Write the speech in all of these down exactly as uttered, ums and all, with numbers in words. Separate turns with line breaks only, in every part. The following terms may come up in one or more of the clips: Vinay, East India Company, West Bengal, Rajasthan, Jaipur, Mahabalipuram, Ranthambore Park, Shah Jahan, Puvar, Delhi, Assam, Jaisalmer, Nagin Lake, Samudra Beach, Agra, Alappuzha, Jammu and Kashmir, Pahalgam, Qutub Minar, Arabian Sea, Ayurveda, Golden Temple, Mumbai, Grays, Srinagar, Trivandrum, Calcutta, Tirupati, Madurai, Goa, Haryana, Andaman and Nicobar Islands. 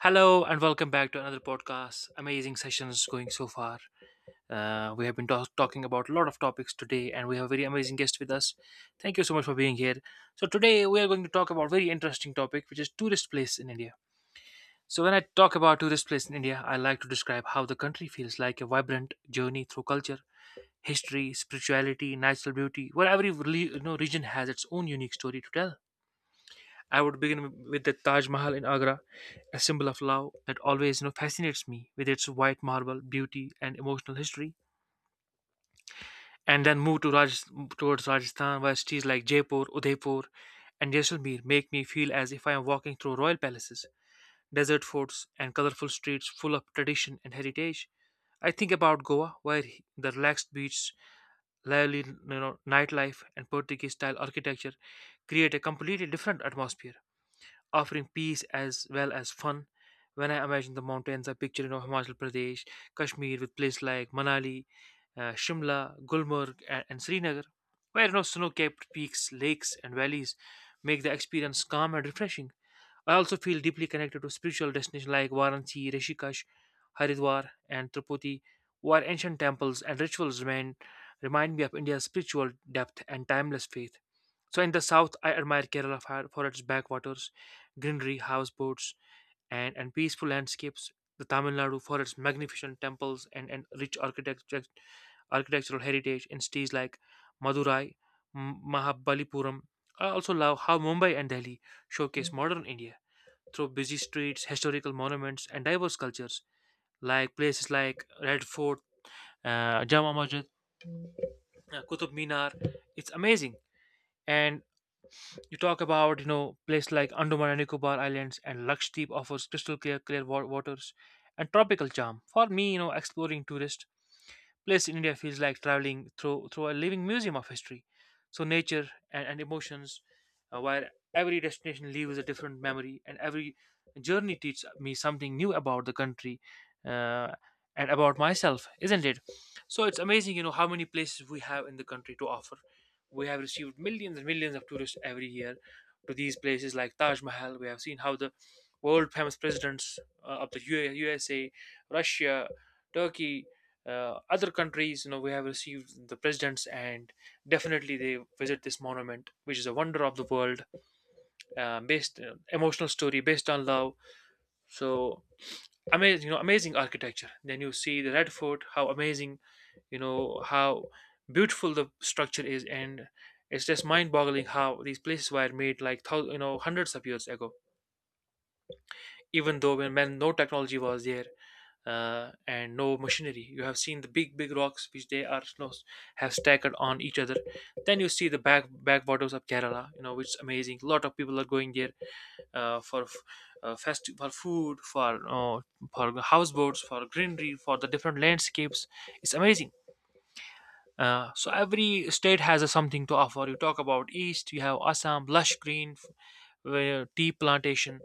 Hello and welcome back to another podcast. Amazing sessions going so far. Uh, we have been talk- talking about a lot of topics today, and we have a very amazing guest with us. Thank you so much for being here. So today we are going to talk about very interesting topic, which is tourist place in India. So when I talk about tourist place in India, I like to describe how the country feels like a vibrant journey through culture, history, spirituality, natural beauty, where every reli- you know, region has its own unique story to tell. I would begin with the Taj Mahal in Agra, a symbol of love that always you know, fascinates me with its white marble beauty and emotional history. And then move to Raj- towards Rajasthan, where cities like Jaipur, Udaipur, and Jaisalmer make me feel as if I am walking through royal palaces, desert forts, and colorful streets full of tradition and heritage. I think about Goa, where he- the relaxed beach, lively you know, nightlife, and Portuguese style architecture create a completely different atmosphere, offering peace as well as fun. When I imagine the mountains, I picture you know, Himachal Pradesh, Kashmir, with places like Manali, uh, Shimla, Gulmarg, and, and Srinagar, where you know, snow capped peaks, lakes, and valleys make the experience calm and refreshing. I also feel deeply connected to spiritual destinations like Varanasi, Rishikesh, Haridwar, and Tirupati, where ancient temples and rituals remain, remind me of India's spiritual depth and timeless faith. So, in the south, I admire Kerala for for its backwaters, greenery, houseboats, and, and peaceful landscapes. The Tamil Nadu for its magnificent temples and, and rich architecture, architectural heritage in cities like Madurai, M- Mahabalipuram. I also love how Mumbai and Delhi showcase modern India through busy streets, historical monuments, and diverse cultures, like places like Red Fort, uh, Jama Masjid, uh, Qutub Minar. It's amazing. And you talk about you know places like Andaman and Nicobar Islands, and Lakshadweep offers crystal clear, clear wa- waters and tropical charm. For me, you know, exploring tourist place in India feels like traveling through through a living museum of history. So nature and, and emotions, uh, where every destination leaves a different memory, and every journey teaches me something new about the country uh, and about myself, isn't it? So it's amazing, you know, how many places we have in the country to offer. We have received millions and millions of tourists every year to these places like Taj Mahal. We have seen how the world famous presidents uh, of the U- USA, Russia, Turkey, uh, other countries, you know, we have received the presidents, and definitely they visit this monument, which is a wonder of the world uh, based uh, emotional story based on love. So amazing, you know, amazing architecture. Then you see the Red Fort. How amazing, you know, how beautiful the structure is. And it's just mind boggling how these places were made, like thou- you know hundreds of years ago, even though when, when no technology was there, uh, and no machinery. You have seen the big big rocks, which they are, you know, have stacked on each other. Then you see the back backwaters of Kerala, you know, which is amazing. A lot of people are going there, uh, for f- uh, festi- for food, for uh, for houseboats, for greenery, for the different landscapes. It's amazing. Uh, so every state has a something to offer. You talk about east, you have Assam, lush green, f- where tea plantation,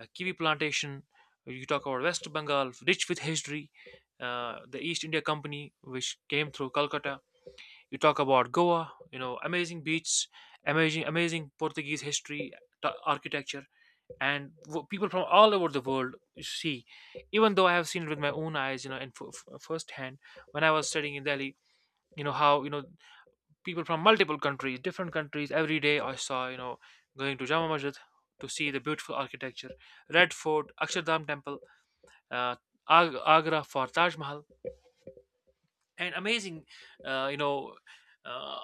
uh, kiwi plantation. You talk about West Bengal, rich with history. Uh, the East India Company, which came through Calcutta. You talk about Goa, you know, amazing beaches, amazing, amazing Portuguese history, t- architecture, and w- people from all over the world see. Even though I have seen it with my own eyes, you know, and f- f- firsthand, when I was studying in Delhi, you know how, you know, people from multiple countries, different countries. Every day I saw, you know, going to Jama Masjid to see the beautiful architecture, Red Fort, Akshardham Temple, uh, Ag- Agra for Taj Mahal, and amazing, uh, you know, uh,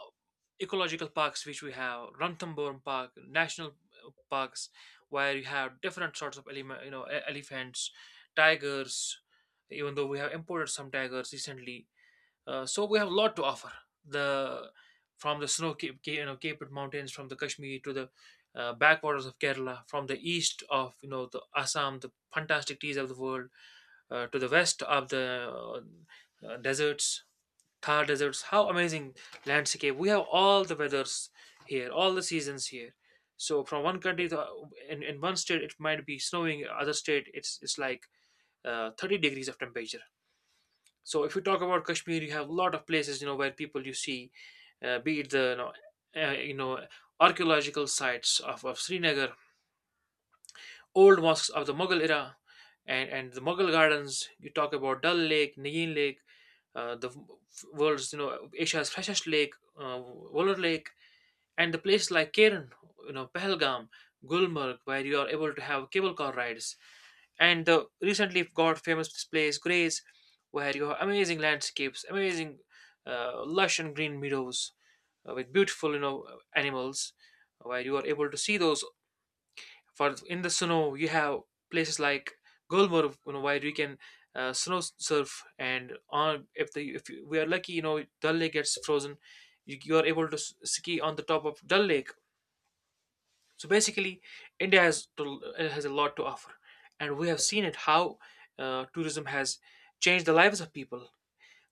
ecological parks which we have, Ranthambore Park, national uh, parks, where you have different sorts of element, you know, e- elephants, tigers. Even though we have imported some tigers recently, uh, so we have a lot to offer. The from the snow Cape, Ca- you know Cape Mountains, from the Kashmir to the uh, backwaters of Kerala, from the east of, you know, the Assam, the fantastic teas of the world, uh, to the west of the uh, deserts, Thar deserts. How amazing landscape! We have all the weathers here, all the seasons here. So from one country to in, in one state it might be snowing, other state it's it's like uh, thirty degrees of temperature. So if you talk about Kashmir, you have a lot of places, you know, where people you see, uh, be it the you know, uh, you know archaeological sites of, of Srinagar, old mosques of the Mughal era, and and the Mughal gardens. You talk about Dal Lake, Nagin Lake, uh, the world's you know Asia's freshest lake, uh, Woller Lake, and the places like Keren, you know, Pahalgam, Gulmarg, where you are able to have cable car rides, and the recently got famous place Grays, where you have amazing landscapes, amazing uh, lush and green meadows uh, with beautiful, you know, animals, where you are able to see those. For in the snow, you have places like Gulmarg, you know, where you can uh, snow surf, and on if the if we are lucky, you know, Dal Lake gets frozen, you, you are able to s- ski on the top of Dal Lake. So basically, India has to, uh, has a lot to offer, and we have seen it how uh, tourism has changed the lives of people.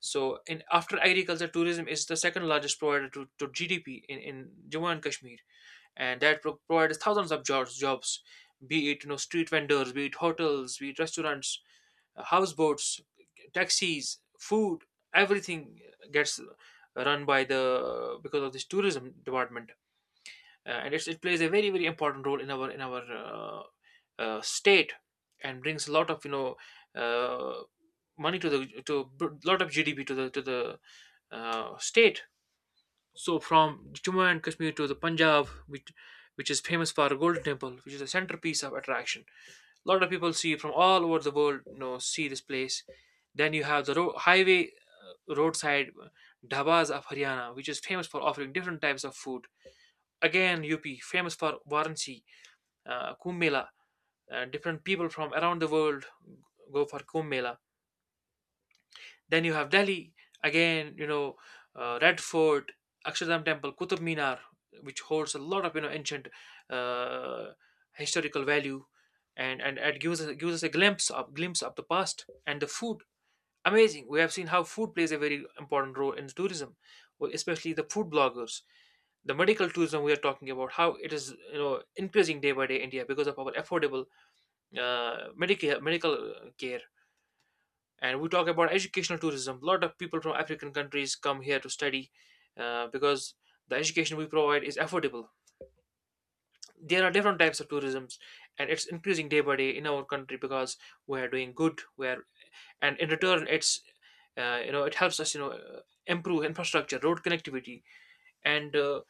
So, in after agriculture, tourism is the second largest provider to, to G D P in, in Jammu and Kashmir, and that pro- provides thousands of jobs, jobs, be it, you know, street vendors, be it hotels, be it restaurants, uh, houseboats, taxis, food, everything gets run by the, because of this tourism department. Uh, and it's, it plays a very very important role in our in our uh, uh, state, and brings a lot of, you know, uh, money to the, to a lot of G D P to the to the uh, state. So from Jammu and Kashmir to the Punjab, which which is famous for a golden temple, which is a centerpiece of attraction. A lot of people see from all over the world, you know, see this place. Then you have the ro- highway roadside dhabas of Haryana, which is famous for offering different types of food. Again, U P, famous for Varanasi, uh, Kumbh Mela. Uh, different people from around the world go for Kumbh Mela. Then you have Delhi again. You know, uh, Red Fort, Akshardham Temple, Qutub Minar, which holds a lot of, you know, ancient uh, historical value, and and it gives us gives us a glimpse of glimpse of the past, and the food. Amazing. We have seen how food plays a very important role in tourism, especially the food bloggers. The medical tourism we are talking about, how it is, you know, increasing day by day in India because of our affordable uh, medical medical uh, care. And we talk about educational tourism. A lot of people from African countries come here to study, uh, because the education we provide is affordable. There are different types of tourisms, and it's increasing day by day in our country, because we are doing good. We are, and in return it's, uh, you know, it helps us, you know, uh, improve infrastructure, road connectivity, and uh,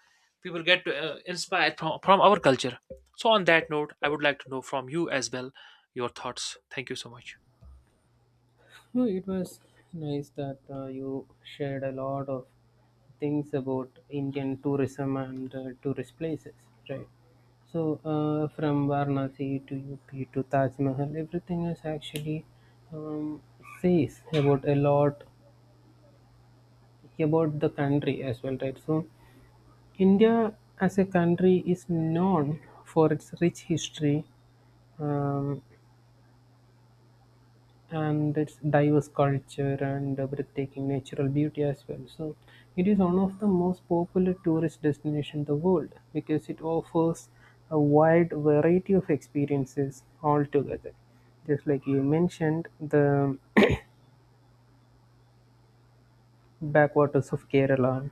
people get uh, inspired from, from our culture. So on that note I would like to know from you as well your thoughts. Thank you so much.
No, it was nice that uh, you shared a lot of things about Indian tourism and uh, tourist places, right? So, uh, from Varanasi to U P to Taj Mahal, everything is actually um, says about a lot about the country as well, right? So, India as a country is known for its rich history, um, and its diverse culture and uh, breathtaking natural beauty as well. So it is one of the most popular tourist destinations in the world because it offers a wide variety of experiences altogether. Just like you mentioned, the backwaters of Kerala,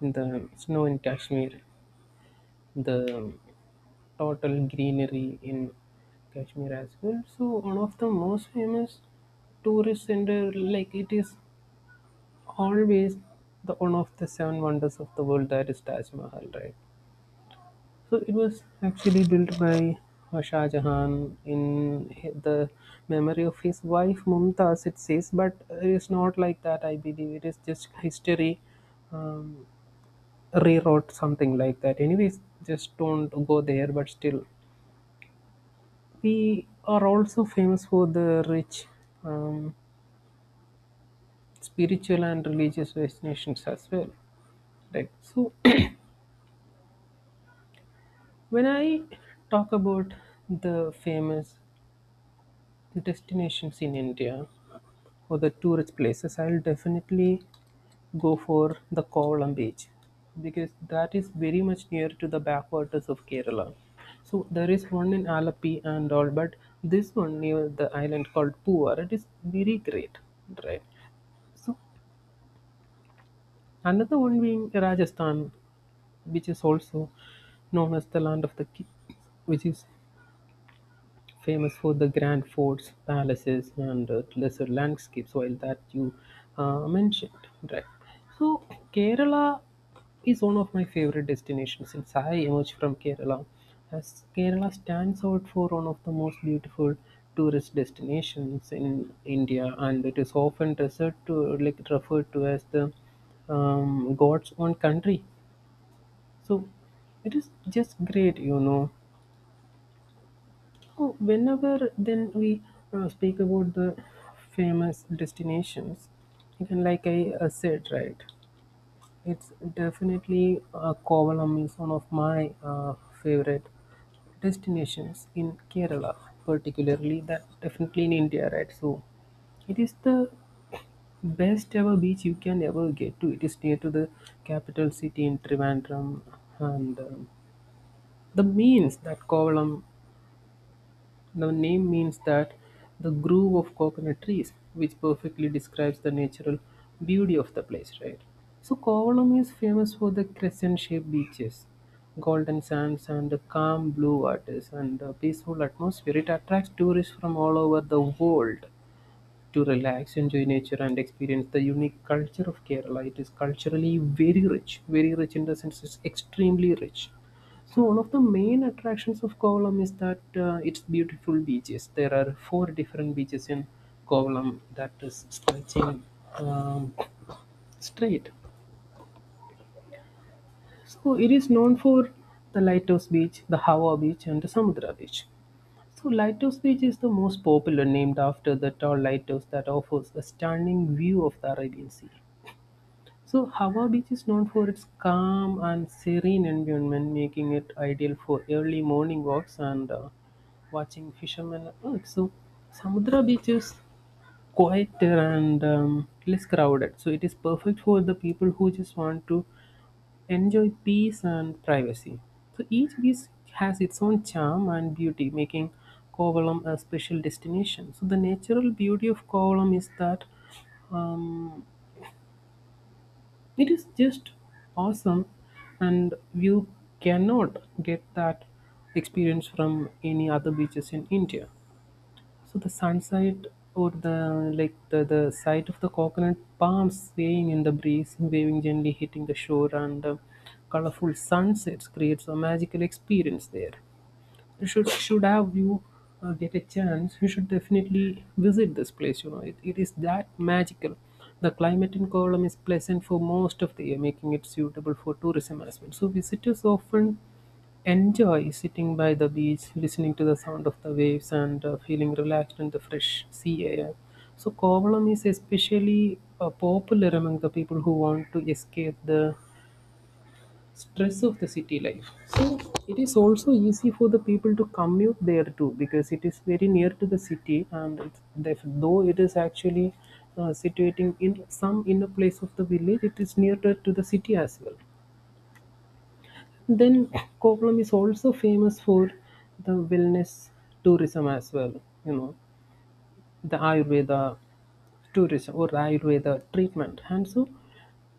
the snow in Kashmir, the total greenery in Kashmir as well. So one of the most famous tourist center like it is always the one of the seven wonders of the world, that is Taj Mahal, right? So it was actually built by uh, Shah Jahan in hi- the memory of his wife Mumtaz, it says, but it is not like that, I believe. It is just history um, rewrote, something like that. Anyways, just don't go there, but still. We are also famous for the rich um, spiritual and religious destinations as well. Right. So when I talk about the famous destinations in India or the tourist places, I'll definitely go for the Kovalam beach, because that is very much near to the backwaters of Kerala. So there is one in Alappuzha and all, but this one near the island called Puvar, it is very great, right? So another one being Rajasthan, which is also known as the land of the kings, which is famous for the grand forts, palaces, and uh, lesser landscapes, while that you uh, mentioned, right? So Kerala is one of my favorite destinations, since I emerged from Kerala, as Kerala stands out for one of the most beautiful tourist destinations in India, and it is often referred to like referred to as the um, God's own country. So it is just great, you know. Oh, whenever then we uh, speak about the famous destinations, again, like I uh, said, right, it's definitely uh, Kovalam is one of my uh, favorite destinations in Kerala, particularly, that definitely in India, right? So it is the best ever beach you can ever get to. It is near to the capital city in Trivandrum, and um, the means that Kovalam the name means that the grove of coconut trees, which perfectly describes the natural beauty of the place, right? So Kovalam is famous for the crescent-shaped beaches, golden sands, and the calm blue waters, and the peaceful atmosphere. It attracts tourists from all over the world to relax, enjoy nature, and experience the unique culture of Kerala. It is culturally very rich, very rich in the sense it's extremely rich. So one of the main attractions of Kovalam is that uh, it's beautiful beaches. There are four different beaches in Kovalam that is stretching um, straight. So it is known for the Lighthouse Beach, the Hawa Beach, and the Samudra Beach. So Lighthouse Beach is the most popular, named after the tall lighthouse that offers a stunning view of the Arabian Sea. So Hava Beach is known for its calm and serene environment, making it ideal for early morning walks and uh, watching fishermen at work. So Samudra Beach is quieter and um, less crowded. So it is perfect for the people who just want to enjoy peace and privacy. So each beach has its own charm and beauty, making Kovalam a special destination. So the natural beauty of Kovalam is that um, it is just awesome, and you cannot get that experience from any other beaches in India. So the sunset or the like the, the sight of the coconut palms swaying in the breeze, waving gently hitting the shore, and uh, colorful sunsets creates a magical experience there. Should should have you uh, get a chance, you should definitely visit this place, you know it, it is that magical. The climate in Kovalam is pleasant for most of the year, making it suitable for tourism as well. So visitors often enjoy sitting by the beach, listening to the sound of the waves, and uh, feeling relaxed in the fresh sea air. So Kovalam is especially uh, popular among the people who want to escape the stress of the city life. So it is also easy for the people to commute there too, because it is very near to the city, and it's, def- though it is actually uh, situating in some inner place of the village, it is nearer to the city as well. Then Kovalam is also famous for the wellness tourism as well. You know, the Ayurveda tourism or Ayurveda treatment. And so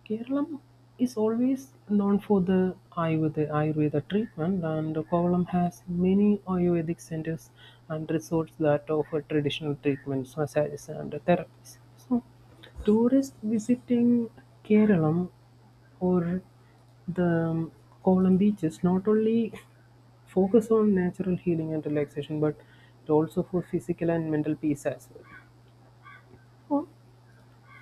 Kerala is always known for the Ayurveda, Ayurveda treatment, and Kovalam has many Ayurvedic centers and resorts that offer traditional treatments, massages, and therapies. So, tourists visiting Kerala or the Kovalam beaches not only focus on natural healing and relaxation, but it also for physical and mental peace as well. Oh,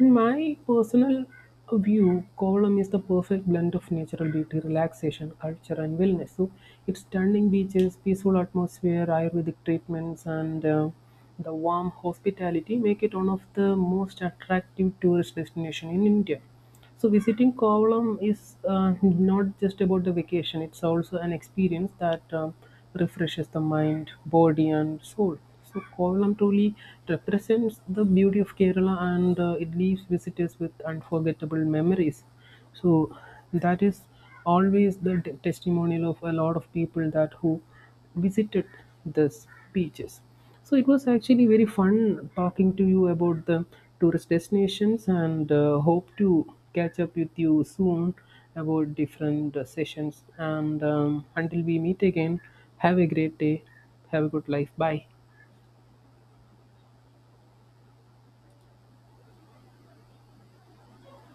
in my personal view, Kovalam is the perfect blend of natural beauty, relaxation, culture, and wellness. So, its stunning beaches, peaceful atmosphere, Ayurvedic treatments, and uh, the warm hospitality make it one of the most attractive tourist destinations in India. So visiting Kovalam is uh, not just about the vacation; it's also an experience that um refreshes the mind, body, and soul. So Kovalam truly represents the beauty of Kerala, and uh, it leaves visitors with unforgettable memories. So that is always the t- testimonial of a lot of people that who visited these beaches. So it was actually very fun talking to you about the tourist destinations, and uh, hope to catch up with you soon about different uh, sessions. And um, until we meet again, have a great day. Have a good life. Bye.